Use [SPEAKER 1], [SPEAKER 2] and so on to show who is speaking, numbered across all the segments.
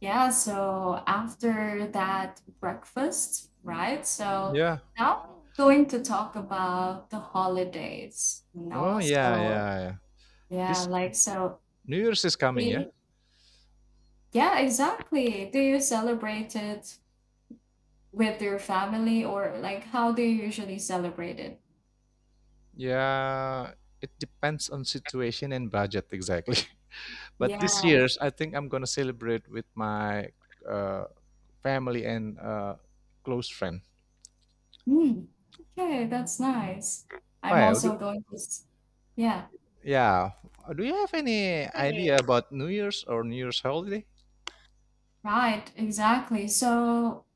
[SPEAKER 1] Yeah, so after that breakfast, right? So
[SPEAKER 2] Yeah.
[SPEAKER 1] now I'm going to talk about the holidays, you
[SPEAKER 2] Oh,
[SPEAKER 1] know?
[SPEAKER 2] yeah,
[SPEAKER 1] So
[SPEAKER 2] yeah, yeah.
[SPEAKER 1] yeah,
[SPEAKER 2] This
[SPEAKER 1] like so
[SPEAKER 2] New Year's is
[SPEAKER 1] do
[SPEAKER 2] coming, yeah?
[SPEAKER 1] you- yeah, exactly. Do you celebrate it with your family or like how do you usually celebrate it?
[SPEAKER 2] Yeah, it depends on situation and budget exactly. But this
[SPEAKER 1] Yeah.
[SPEAKER 2] year's, I think I'm gonna celebrate with my uh, family and close friend.
[SPEAKER 1] Mm, okay, that's nice. I'm
[SPEAKER 2] Why? Do,
[SPEAKER 1] also going to s- yeah,
[SPEAKER 2] yeah. Do you have any idea about New Year's or New Year's holiday?
[SPEAKER 1] right, exactly. So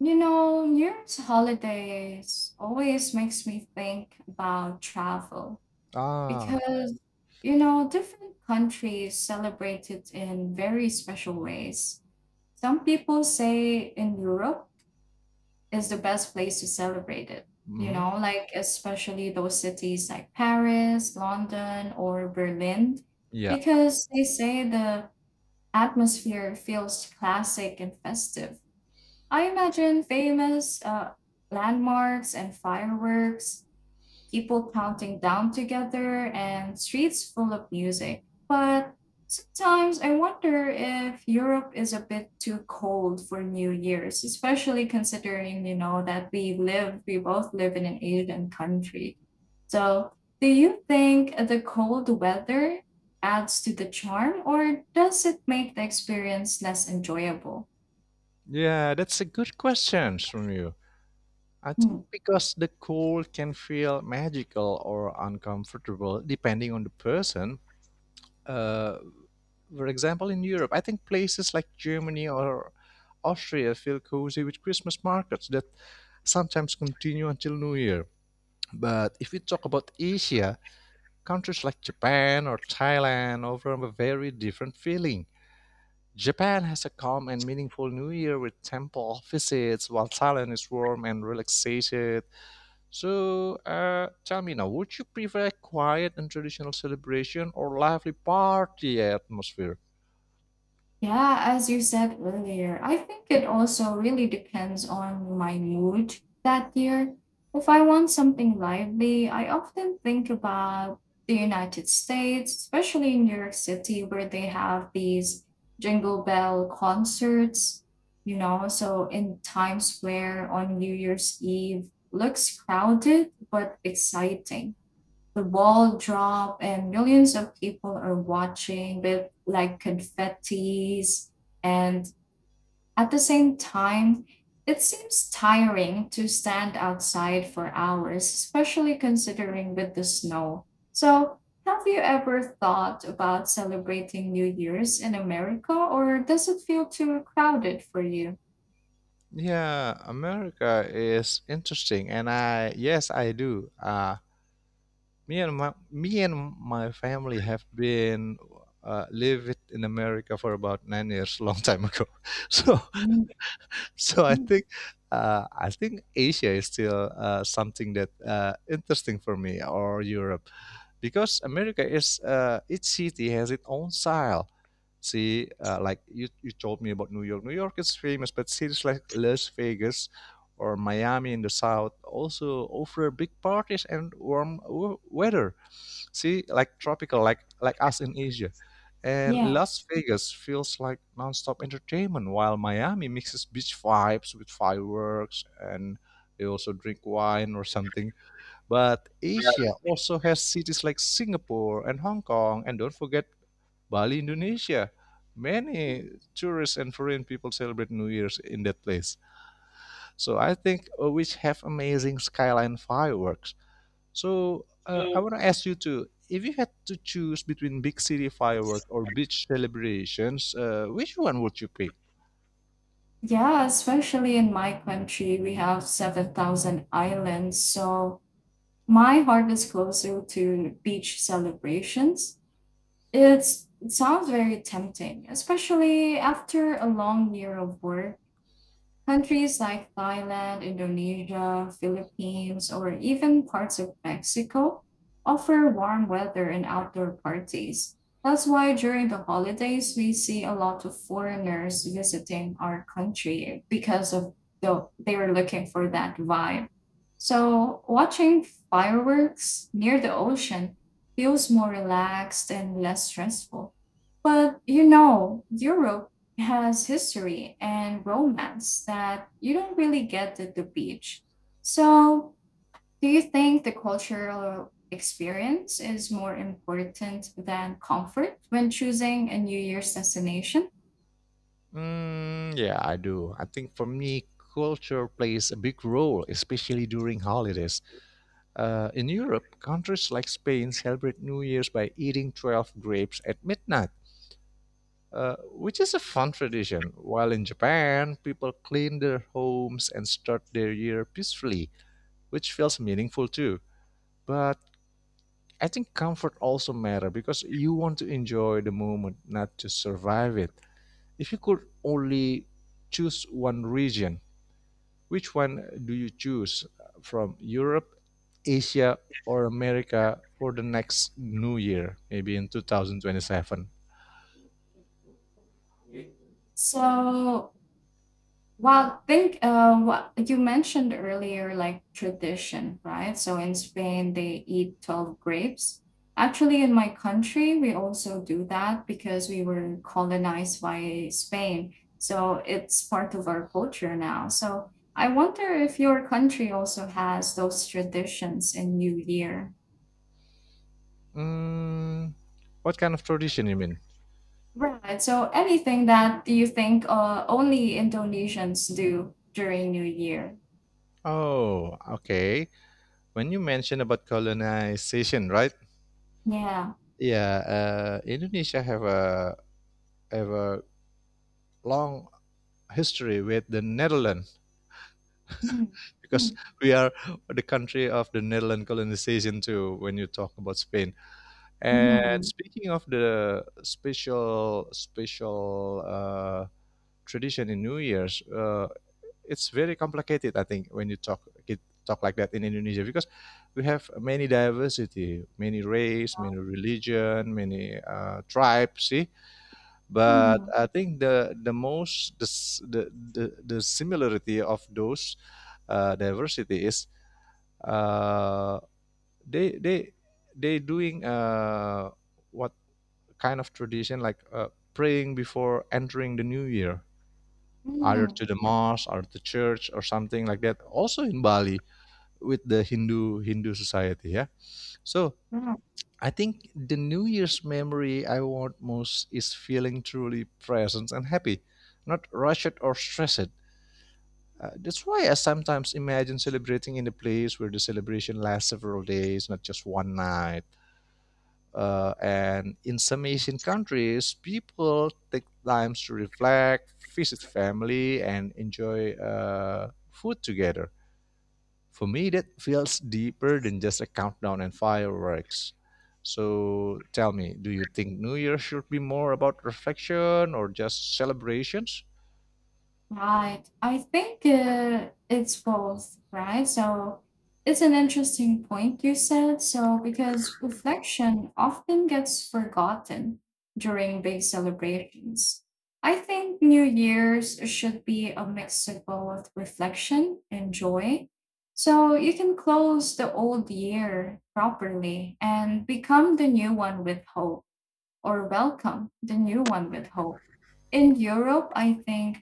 [SPEAKER 1] you know, New Year's holidays always makes me think about travel
[SPEAKER 2] Ah.
[SPEAKER 1] because, you know, different countries celebrate it in very special ways. Some people say in Europe is the best place to celebrate it, you
[SPEAKER 2] Hmm.
[SPEAKER 1] know, like especially those cities like Paris, London, or Berlin,
[SPEAKER 2] Yeah.
[SPEAKER 1] because they say the atmosphere feels classic and festive. I imagine famous landmarks and fireworks, people counting down together, and streets full of music. But sometimes I wonder if Europe is a bit too cold for New Year's, especially considering, you know, that we both live in an Asian country. So, do you think the cold weather adds to the charm, or does it make the experience less enjoyable?
[SPEAKER 2] Yeah, that's a good question from you. I
[SPEAKER 1] Hmm.
[SPEAKER 2] think because the cold can feel magical or uncomfortable depending on the person. Uh, for example, in Europe, I think places like Germany or Austria feel cozy with Christmas markets that sometimes continue until New Year. But if we talk about Asia, countries like Japan or Thailand offer a very different feeling. Japan has a calm and meaningful New Year with temple visits, while Thailand is warm and relaxation, so, tell me now, would you prefer a quiet and traditional celebration or lively party atmosphere?
[SPEAKER 1] Yeah, as you said earlier, I think it also really depends on my mood that year. If I want something lively, I often think about the United States, especially in New York City, where they have these Jingle Bell concerts, you know, so in Times Square on New Year's Eve looks crowded but exciting, the ball drop and millions of people are watching with like confettis, and at the same time it seems tiring to stand outside for hours especially considering with the snow. So have you ever thought about celebrating New Year's in America, or does it feel too crowded for you?
[SPEAKER 2] Yeah, America is interesting, and I yes, I do. Me and my family have been lived in America for about 9 years, long time ago. So
[SPEAKER 1] Mhm.
[SPEAKER 2] so I think Asia is still something that interesting for me, or Europe, because America is, each city has its own style. See, like you told me about New York. New York is famous, but cities like Las Vegas or Miami in the south also offer big parties and warm weather. See, like tropical, like us in Asia. And
[SPEAKER 1] Yeah.
[SPEAKER 2] Las Vegas feels like nonstop entertainment, while Miami mixes beach vibes with fireworks, and they also drink wine or something. But
[SPEAKER 1] Yeah.
[SPEAKER 2] Asia also has cities like Singapore and Hong Kong, and don't forget Bali, Indonesia. Many tourists and foreign people celebrate New Year's in that place. So I think, which have amazing skyline fireworks. So, I
[SPEAKER 1] So
[SPEAKER 2] want to ask you too, if you had to choose between big city fireworks or beach celebrations, which one would you pick?
[SPEAKER 1] yeah, especially in my country, we have 7,000 islands. So my heart is closer to beach celebrations. It sounds very tempting, especially after a long year of work. Countries like Thailand, Indonesia, Philippines, or even parts of Mexico offer warm weather and outdoor parties. That's why during the holidays, we see a lot of foreigners visiting our country because of they were looking for that vibe. So watching fireworks near the ocean feels more relaxed and less stressful. But you know, Europe has history and romance that you don't really get at the beach. So, do you think the cultural experience is more important than comfort when choosing a New Year's destination?
[SPEAKER 2] Mm, yeah, I do. I think for me, culture plays a big role, especially during holidays. In Europe, countries like Spain celebrate New Year's by eating 12 grapes at midnight, which is a fun tradition. While in Japan, people clean their homes and start their year peacefully, which feels meaningful too. But I think comfort also matter because you want to enjoy the moment, not to survive it. If you could only choose one region, which one do you choose from Europe, Asia, or America for the next new year, maybe in 2027?
[SPEAKER 1] So, well, think what you mentioned earlier, like tradition, right? So in Spain, they eat 12 grapes. Actually, in my country, we also do that because we were colonized by Spain. So it's part of our culture now. So I wonder if your country also has those traditions in New Year.
[SPEAKER 2] Mm, what kind of tradition you mean?
[SPEAKER 1] Right. So anything that you think only Indonesians do during New Year.
[SPEAKER 2] Oh, okay. When you mention about colonization, right?
[SPEAKER 1] Yeah.
[SPEAKER 2] Yeah, Indonesia have a long history with the Netherlands
[SPEAKER 1] Mm-hmm.
[SPEAKER 2] because
[SPEAKER 1] Mm-hmm.
[SPEAKER 2] we are the country of the Netherlands colonization too. When you talk about Spain, and
[SPEAKER 1] Mm-hmm.
[SPEAKER 2] speaking of the special tradition in New Year's, it's very complicated, I think, when you talk like that in Indonesia because we have many diversity, many race, many religion, many tribes, see. But
[SPEAKER 1] Mm.
[SPEAKER 2] I think the similarity of those diversity is uh, they they they doing what kind of tradition like praying before entering the new year, either
[SPEAKER 1] Mm.
[SPEAKER 2] to the mosque or to church or something like that. Also in Bali with the Hindu society, yeah. So
[SPEAKER 1] Mm.
[SPEAKER 2] I think the New Year's memory I want most is feeling truly present and happy, not rushed or stressed. That's why I sometimes imagine celebrating in a place where the celebration lasts several days, not just one night. And in some Asian countries, people take time to reflect, visit family, and enjoy food together. For me, that feels deeper than just a countdown and fireworks. So tell me, do you think New Year should be more about reflection or just celebrations?
[SPEAKER 1] Right, I think it's both, right? So it's an interesting point you said. So, because reflection often gets forgotten during big celebrations. I think New Year's should be a mix of both reflection and joy. So you can close the old year properly and become the new one with hope. Or welcome the new one with hope. In Europe, I think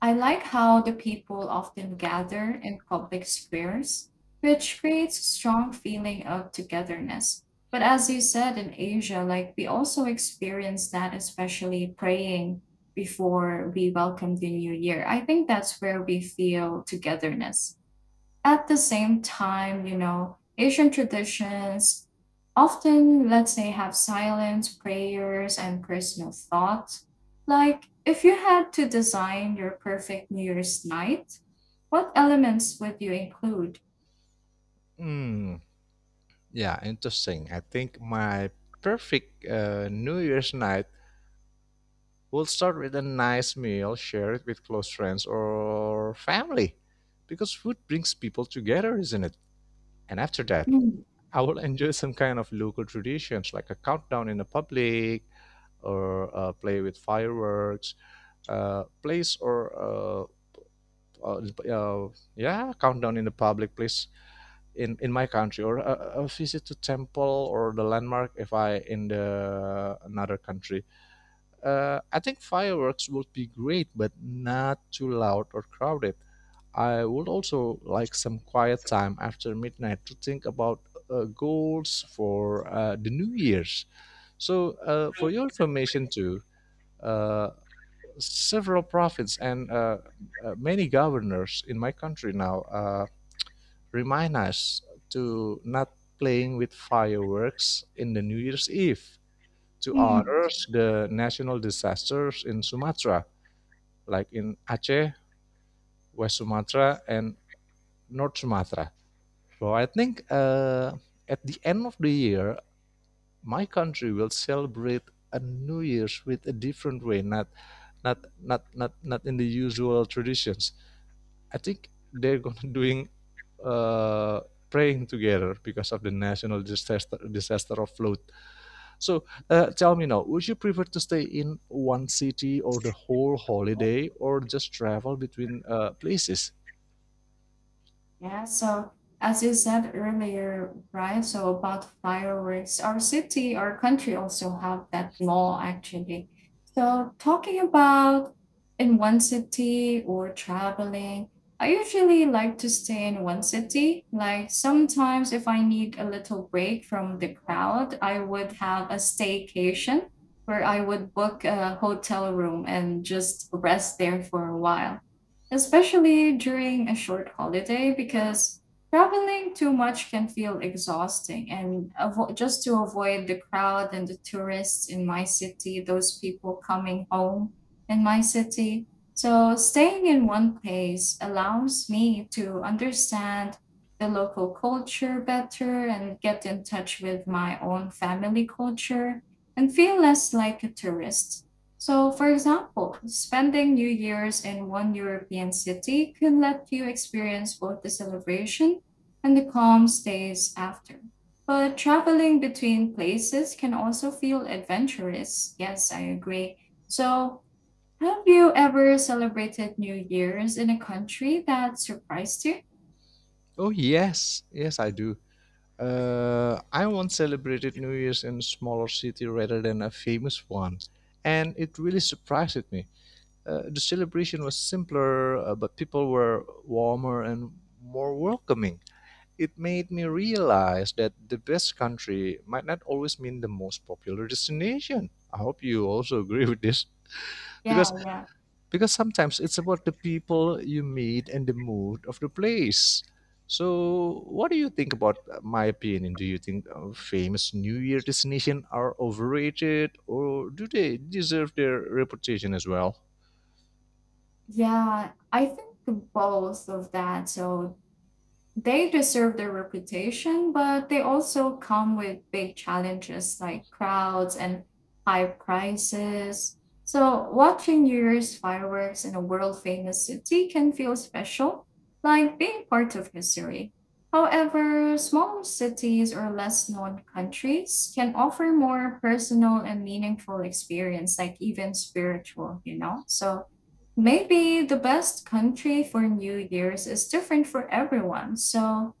[SPEAKER 1] I like how the people often gather in public squares, which creates a strong feeling of togetherness. But as you said in Asia, like we also experience that, especially praying before we welcome the new year. I think that's where we feel togetherness at the same time. You know, Asian traditions often, let's say, have silent prayers and personal thoughts. Like, if you had to design your perfect New Year's night, what elements would you include?
[SPEAKER 2] Hmm, yeah, interesting. I think my perfect New Year's night We'll start with a nice meal, share it with close friends or family, because food brings people together, isn't it? And after that,
[SPEAKER 1] Mm.
[SPEAKER 2] I will enjoy some kind of local traditions like a countdown in the public, or play with fireworks, place or uh, uh, yeah, countdown in the public place in my country, or a visit to temple or the landmark if I in the another country. I think fireworks would be great, but not too loud or crowded. I would also like some quiet time after midnight to think about goals for the New Year's. So, for your information, too, uh, several prophets and many governors in my country now remind us to not playing with fireworks in the New Year's Eve to
[SPEAKER 1] Mm.
[SPEAKER 2] honor the national disasters in Sumatra like in Aceh, West Sumatra, and North Sumatra. So I think, at the end of the year, my country will celebrate a New Year's with a different way, not in the usual traditions. I think they're gonna doing uh, praying together because of the national disaster of flood. So, tell me now, would you prefer to stay in one city or the whole holiday, or just travel between places?
[SPEAKER 1] Yeah, so as you said earlier, right? So about fireworks, our country also have that law actually. So talking about in one city or traveling, I usually like to stay in one city. Like sometimes if I need a little break from the crowd, I would have a staycation where I would book a hotel room and just rest there for a while, especially during a short holiday because traveling too much can feel exhausting and just to avoid the crowd and the tourists in my city, those people coming home in my city. So staying in one place allows me to understand the local culture better and get in touch with my own family culture and feel less like a tourist. So, for example, spending New Year's in one European city can let you experience both the celebration and the calm stays after. But traveling between places can also feel adventurous. Yes, I agree. So, have you ever celebrated New Year's in a country that surprised you?
[SPEAKER 2] Oh, yes, yes, I do. I once celebrated New Year's in a smaller city rather than a famous one, and it really surprised me. The celebration was simpler, but people were warmer and more welcoming. It made me realize that the best country might not always mean the most popular destination. I hope you also agree with this
[SPEAKER 1] Yeah,
[SPEAKER 2] because
[SPEAKER 1] yeah.
[SPEAKER 2] sometimes it's about the people you meet and the mood of the place. So, what do you think about my opinion? Do you think famous New Year destinations are overrated, or do they deserve their reputation as well?
[SPEAKER 1] Yeah, I think both of that. So they deserve their reputation, but they also come with big challenges like crowds and high prices. So, watching New Year's fireworks in a world famous city can feel special, like being part of history. However, smaller cities or less known countries can offer more personal and meaningful experience, like even spiritual, you know? So, maybe the best country for New Year's is different for everyone. So,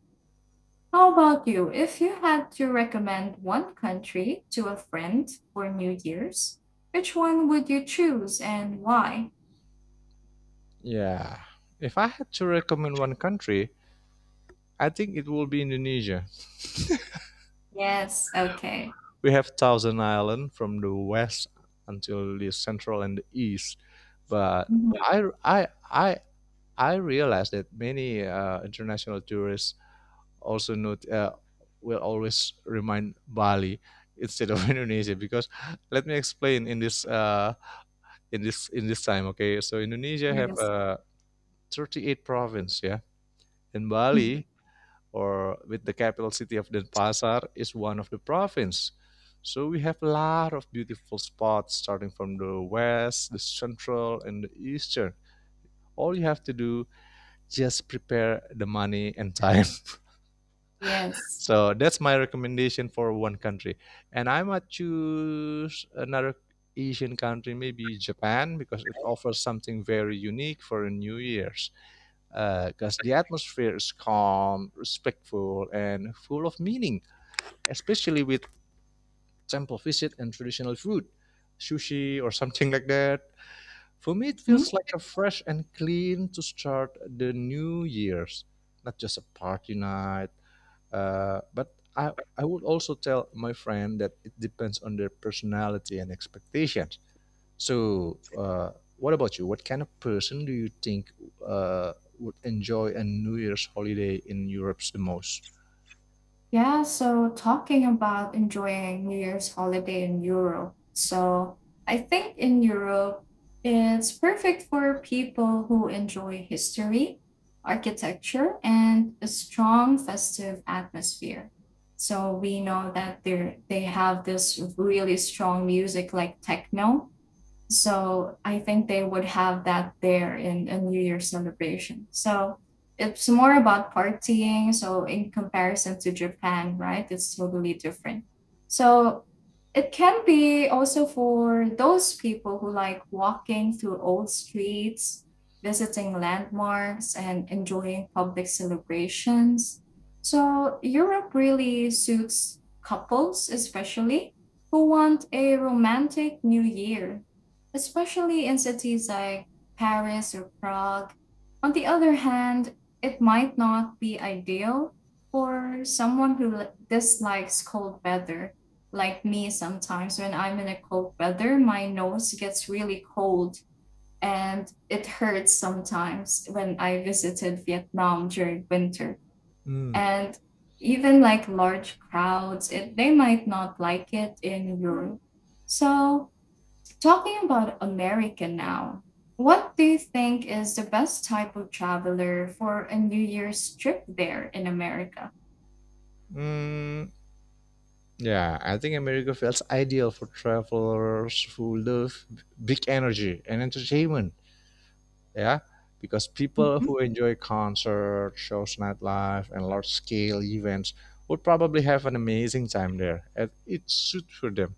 [SPEAKER 1] how about you? If you had to recommend one country to a friend for New Year's, which one would you choose and why?
[SPEAKER 2] Yeah, if I had to recommend one country, I think it will be Indonesia.
[SPEAKER 1] Yes, okay.
[SPEAKER 2] We have Thousand Island from the west until the central and the east, but
[SPEAKER 1] Mhm.
[SPEAKER 2] I I I I realized that many international tourists also note, will always remind Bali instead of Indonesia because let me explain in this in this time. Okay, so Indonesia have
[SPEAKER 1] Yes.
[SPEAKER 2] 38 province, yeah, and
[SPEAKER 1] Mm.
[SPEAKER 2] Bali or with the capital city of Denpasar is one of the province. So we have a lot of beautiful spots starting from the west, the central, and the eastern. All you have to do just prepare the money and time.
[SPEAKER 1] Yes.
[SPEAKER 2] So that's my recommendation for one country. And I might choose another Asian country, maybe Japan, because it offers something very unique for New Year's. Because the atmosphere is calm, respectful, and full of meaning, especially with temple visit and traditional food, sushi or something like that. For me, it
[SPEAKER 1] Mm-hmm.
[SPEAKER 2] feels like a fresh and clean to start the New Year's, not just a party night. But I would also tell my friend that it depends on their personality and expectations. So, what about you? What kind of person do you think uh, would enjoy a New Year's holiday in Europe the most?
[SPEAKER 1] Yeah, so talking about enjoying New Year's holiday in Europe. So I think in Europe, it's perfect for people who enjoy history, architecture, and a strong festive atmosphere. So we know that they have this really strong music like techno, so I think they would have that there in a New Year celebration. So it's more about partying. So in comparison to Japan, right? It's totally different. So it can be also for those people who like walking through old streets, visiting landmarks, and enjoying public celebrations. So Europe really suits couples, especially who want a romantic new year, especially in cities like Paris or Prague. On the other hand, it might not be ideal for someone who dislikes cold weather, like me sometimes. When I'm in a cold weather, my nose gets really cold and it hurts sometimes when I visited Vietnam during winter.
[SPEAKER 2] Hmm.
[SPEAKER 1] And even like large crowds, they might not like it in Europe. So talking about America now, what do you think is the best type of traveler for a New Year's trip there in America?
[SPEAKER 2] Mm, yeah, I think America feels ideal for travelers who love big energy and entertainment. Yeah, because people
[SPEAKER 1] Mhm.
[SPEAKER 2] who enjoy concerts, shows, nightlife, and large scale events would probably have an amazing time there, and it suits for them.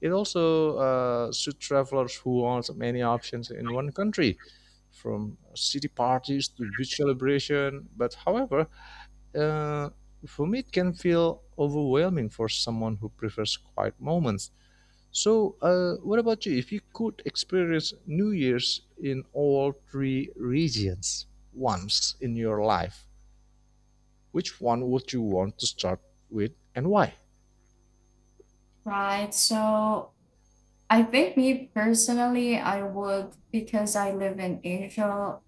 [SPEAKER 2] It also suits travelers who want many options in one country, from city parties to beach celebration. But however, uh, for me it can feel overwhelming for someone who prefers quiet moments. So, what about you? If you could experience New Year's in all three regions once in your life, which one would you want to start with and why?
[SPEAKER 1] Right. So I think me personally, I would because I live in Asia,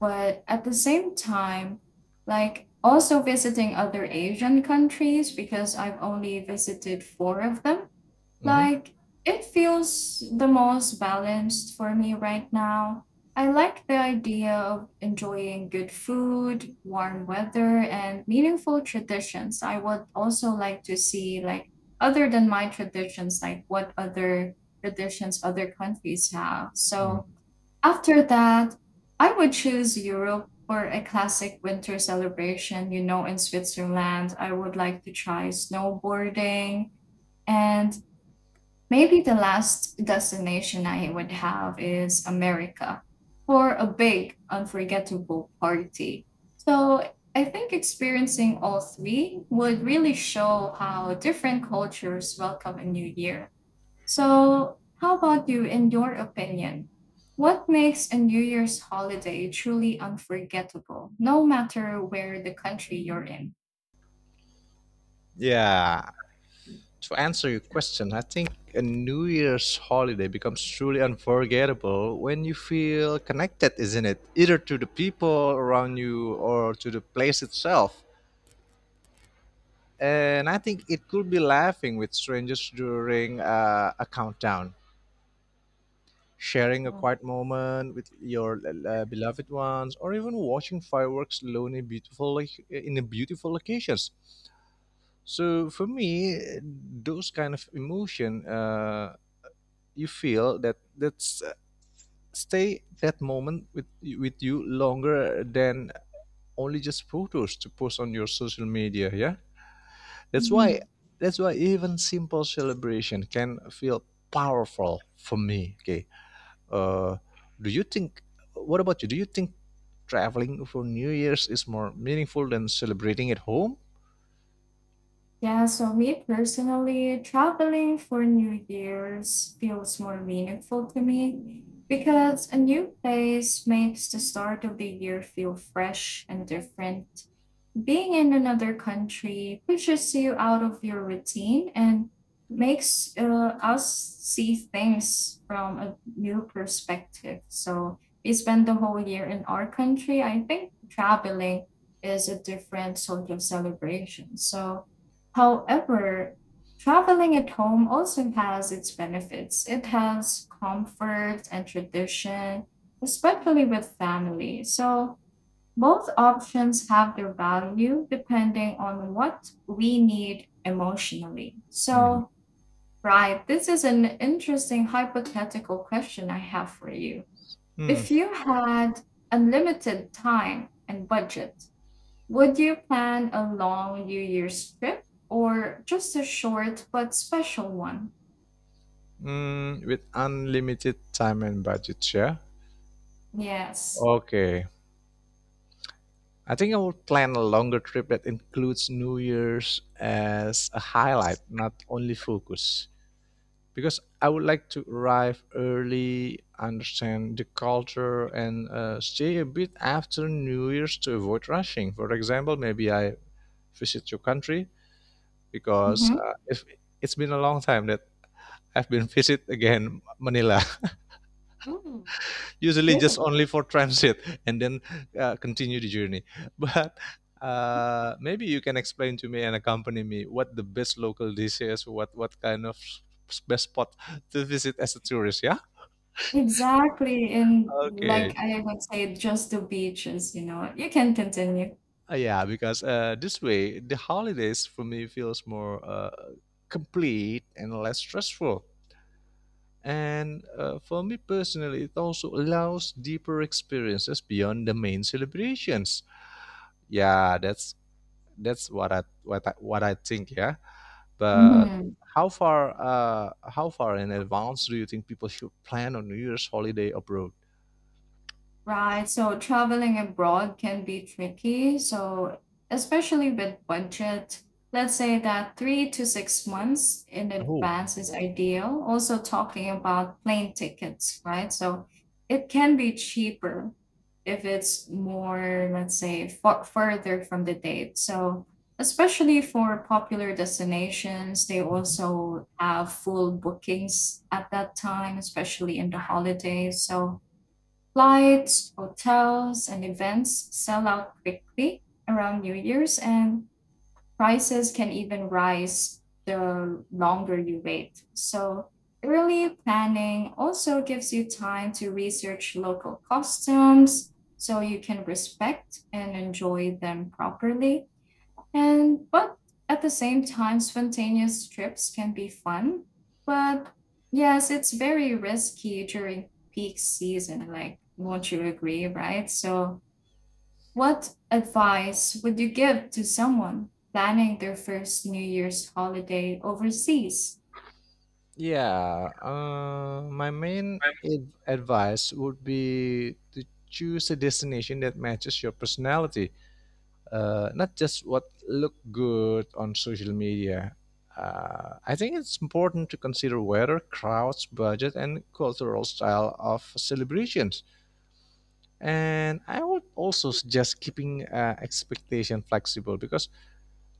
[SPEAKER 1] but at the same time, like also visiting other Asian countries because I've only visited four of them. Like, it feels the most balanced for me right now. I like the idea of enjoying good food, warm weather, and meaningful traditions. I would also like to see, like, other than my traditions, like what other traditions other countries have. So,
[SPEAKER 2] Mm-hmm.
[SPEAKER 1] after that, I would choose Europe for a classic winter celebration. You know, in Switzerland, I would like to try snowboarding, and maybe the last destination I would have is America for a big, unforgettable party. So I think experiencing all three would really show how different cultures welcome a new year. So, how about you, in your opinion? What makes a New Year's holiday truly unforgettable, no matter where the country you're in?
[SPEAKER 2] Yeah, to answer your question, I think a New Year's holiday becomes truly unforgettable when you feel connected, isn't it? Either to the people around you or to the place itself. And I think it could be laughing with strangers during a countdown, sharing a quiet moment with your beloved ones, or even watching fireworks lonely, in the beautiful locations. So for me, those kind of emotion. You feel that that's stay that moment with you longer than only just photos to post on your social media, yeah. that's why
[SPEAKER 1] Mhm.
[SPEAKER 2] that's why even simple celebration can feel powerful for me. Okay, uh do you think, what about you, do you think traveling for new year's is more meaningful than celebrating at home?
[SPEAKER 1] Yeah, so me personally, traveling for New Year's feels more meaningful to me because a new place makes the start of the year feel fresh and different. Being in another country pushes you out of your routine and makes us see things from a new perspective. So we spend the whole year in our country. I think traveling is a different sort of celebration. So, however, traveling at home also has its benefits. It has comfort and tradition, especially with family. So both options have their value depending on what we need emotionally.
[SPEAKER 2] Hmm.
[SPEAKER 1] So, right, this is an interesting hypothetical question I have for you.
[SPEAKER 2] Hmm.
[SPEAKER 1] If you had unlimited time and budget, would you plan a long New Year's trip or just a short but special one?
[SPEAKER 2] Hmm. With unlimited time and budget, yeah,
[SPEAKER 1] Yes.
[SPEAKER 2] okay. I think I would plan a longer trip that includes New Year's as a highlight, not only focus. Because I would like to arrive early, understand the culture, and stay a bit after New Year's to avoid rushing. For example, maybe I visit your country because
[SPEAKER 1] Mm-hmm.
[SPEAKER 2] if it's been a long time that I've been visit again Manila.
[SPEAKER 1] Ooh.
[SPEAKER 2] Usually just
[SPEAKER 1] Good.
[SPEAKER 2] only for transit and then continue the journey but maybe you can explain to me and accompany me what the best local dish is, what kind of best spot to visit as a tourist, yeah.
[SPEAKER 1] Exactly. And
[SPEAKER 2] Okay.
[SPEAKER 1] like I would say, just the beaches, you know, you can continue.
[SPEAKER 2] Yeah, because this way the holidays for me feels more complete and less stressful, and for me personally it also allows deeper experiences beyond the main celebrations. Yeah, that's what I think. Yeah, but
[SPEAKER 1] Mhm.
[SPEAKER 2] how far in advance do you think people should plan on New Year's holiday abroad?
[SPEAKER 1] Right. So traveling abroad can be tricky. So, especially with budget, let's say that 3 to 6 months in
[SPEAKER 2] Oh.
[SPEAKER 1] advance is ideal. Also, talking about plane tickets, right? So, it can be cheaper if it's more, let's say, further from the date. So, especially for popular destinations, they
[SPEAKER 2] Mhm.
[SPEAKER 1] also have full bookings at that time, especially in the holidays. So, flights, hotels, and events sell out quickly around New Year's, and prices can even rise the longer you wait. So, early planning also gives you time to research local customs so you can respect and enjoy them properly. And but at the same time, spontaneous trips can be fun. But yes, it's very risky during peak season, like won't you agree, right? So what advice would you give to someone planning their first New Year's holiday overseas?
[SPEAKER 2] Yeah. My main
[SPEAKER 1] I.
[SPEAKER 2] advice would be to choose a destination that matches your personality, not just what look good on social media. I think it's important to consider weather, crowds, budget, and cultural style of celebrations. And I would also suggest keeping expectation flexible because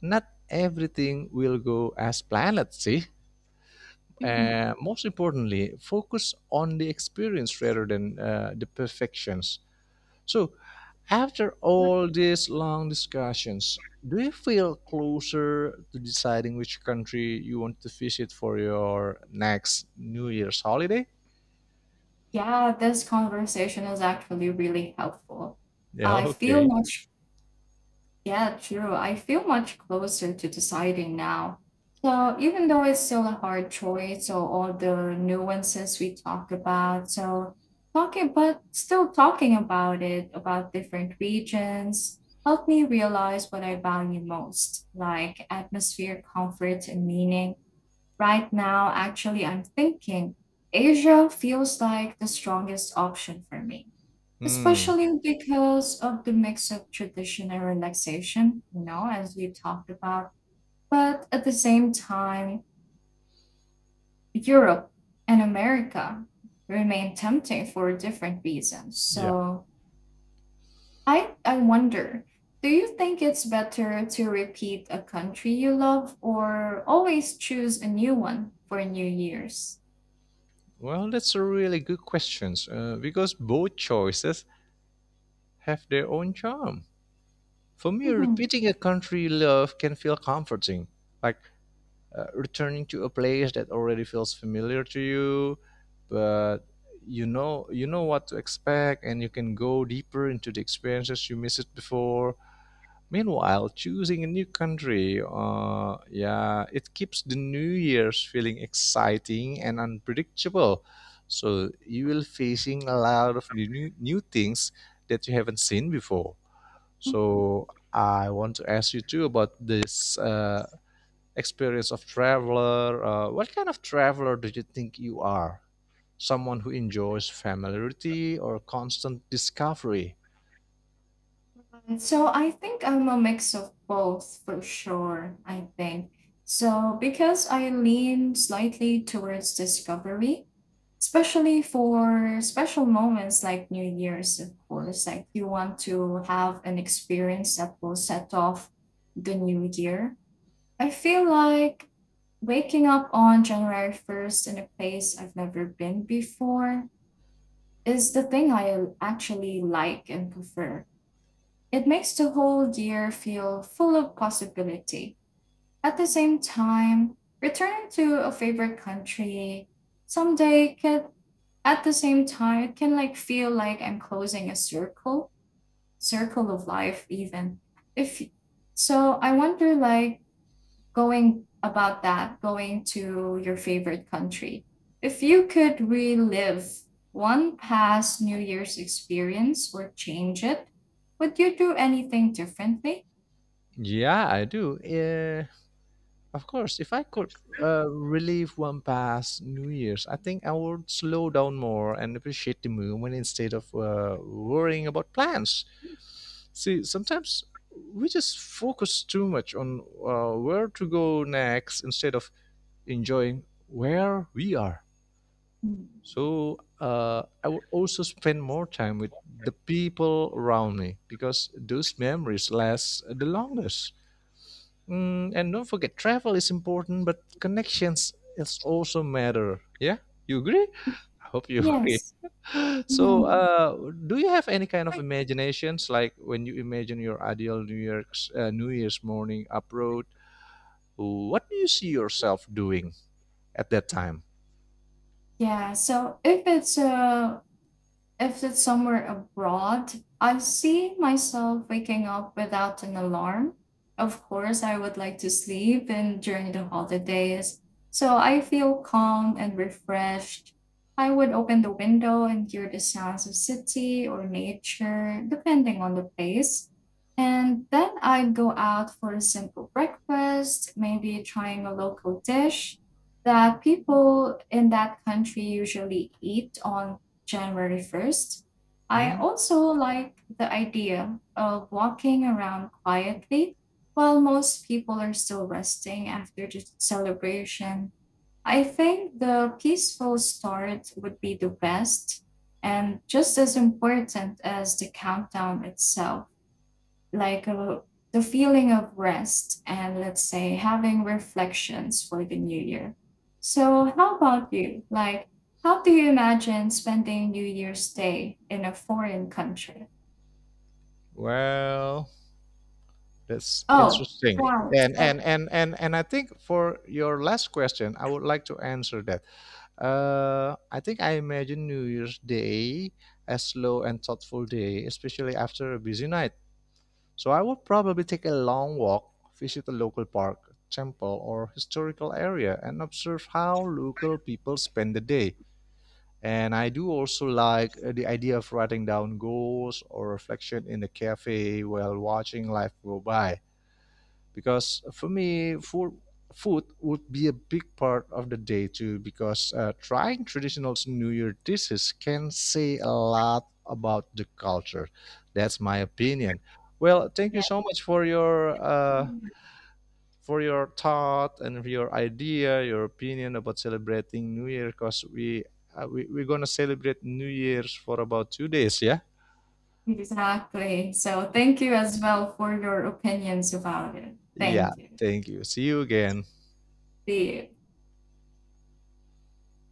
[SPEAKER 2] not everything will go as planned. See, and
[SPEAKER 1] Mhm.
[SPEAKER 2] most importantly, focus on the experience rather than the perfections. So, after all these long discussions, do you feel closer to deciding which country you want to visit for your next New Year's holiday?
[SPEAKER 1] Yeah, this conversation is actually really helpful. I feel much, yeah, true. I feel much closer to deciding now. So even though it's still a hard choice, so all the nuances we talked about, so talking, but still talking about it, about different regions, helped me realize what I value most, like atmosphere, comfort, and meaning. Right now, actually, I'm thinking Asia feels like the strongest option for me.
[SPEAKER 2] Hmm.
[SPEAKER 1] Especially because of the mix of tradition and relaxation, you know, as we talked about. But at the same time, Europe and America remain tempting for different reasons.
[SPEAKER 2] Yeah.
[SPEAKER 1] So I wonder, do you think it's better to repeat a country you love or always choose a new one for New Year's?
[SPEAKER 2] Well, that's a really good question because both choices have their own charm. For me,
[SPEAKER 1] Mhm.
[SPEAKER 2] repeating a country you love can feel comforting, like returning to a place that already feels familiar to you, but you know what to expect and you can go deeper into the experiences you missed before. Meanwhile, choosing a new country, yeah, it keeps the new year's feeling exciting and unpredictable, so you will facing a lot of new things that you haven't seen before. So I want to ask you too about this, experience of traveler. What kind of traveler do you think you are? Someone who enjoys familiarity or constant discovery?
[SPEAKER 1] And so I think I'm a mix of both for sure, I think. So because I lean slightly towards discovery, especially for special moments like New Year's, of course, like you want to have an experience that will set off the new year. I feel like waking up on January 1st in a place I've never been before is the thing I actually like and prefer. It makes the whole year feel full of possibility. At the same time, returning to a favorite country someday can, at the same time it can like feel like I'm closing a circle, circle of life even. If so I wonder like going about that, going to your favorite country. If you could relive one past New Year's experience or change it, would you do anything differently?
[SPEAKER 2] Yeah, I do. Eh, of course, if I could relive one past New Year's, I think I would slow down more and appreciate the moment instead of worrying about plans. See, sometimes we just focus too much on where to go next instead of enjoying where we are.
[SPEAKER 1] Mm.
[SPEAKER 2] So I would also spend more time with the people around me because those memories last the longest. Mm, and don't forget, travel is important, but connections is also matter. Yeah, you agree? I hope you agree.
[SPEAKER 1] Yes.
[SPEAKER 2] So,
[SPEAKER 1] Mhm.
[SPEAKER 2] do you have any kind of imaginations, like when you imagine your ideal New York's New Year's morning abroad? What do you see yourself doing at that time?
[SPEAKER 1] Yeah. So if it's somewhere abroad, I see myself waking up without an alarm. Of course, I would like to sleep and during the holidays. So I feel calm and refreshed. I would open the window and hear the sounds of city or nature, depending on the place. And then I'd go out for a simple breakfast, maybe trying a local dish that people in that country usually eat on January 1st. I
[SPEAKER 2] Hmm.
[SPEAKER 1] also like the idea of walking around quietly while most people are still resting after the celebration. I think the peaceful start would be the best and just as important as the countdown itself, like a, the feeling of rest and let's say having reflections for the new year. So, how about you? Like, how do you imagine spending New Year's Day in a foreign country?
[SPEAKER 2] Well, that's
[SPEAKER 1] Oh,
[SPEAKER 2] interesting.
[SPEAKER 1] wow.
[SPEAKER 2] And
[SPEAKER 1] So,
[SPEAKER 2] and and and and I think for your last question, I would like to answer that. I think I imagine New Year's Day as slow and thoughtful day, especially after a busy night. So I would probably take a long walk, visit a local park, temple, or historical area, and observe how local people spend the day. And I do also like the idea of writing down goals or reflection in the cafe while watching life go by. Because for me, food would be a big part of the day too, because trying traditional New Year dishes can say a lot about the culture. That's my opinion. Well, thank you
[SPEAKER 1] yeah,
[SPEAKER 2] so much for your thought and your idea, your opinion about celebrating New Year because we, we're gonna celebrate New Year's for about 2 days, yeah.
[SPEAKER 1] exactly. So, thank you as well for your opinions about it.
[SPEAKER 2] Yeah,
[SPEAKER 1] Thank you.
[SPEAKER 2] thank you. See you again.
[SPEAKER 1] See you.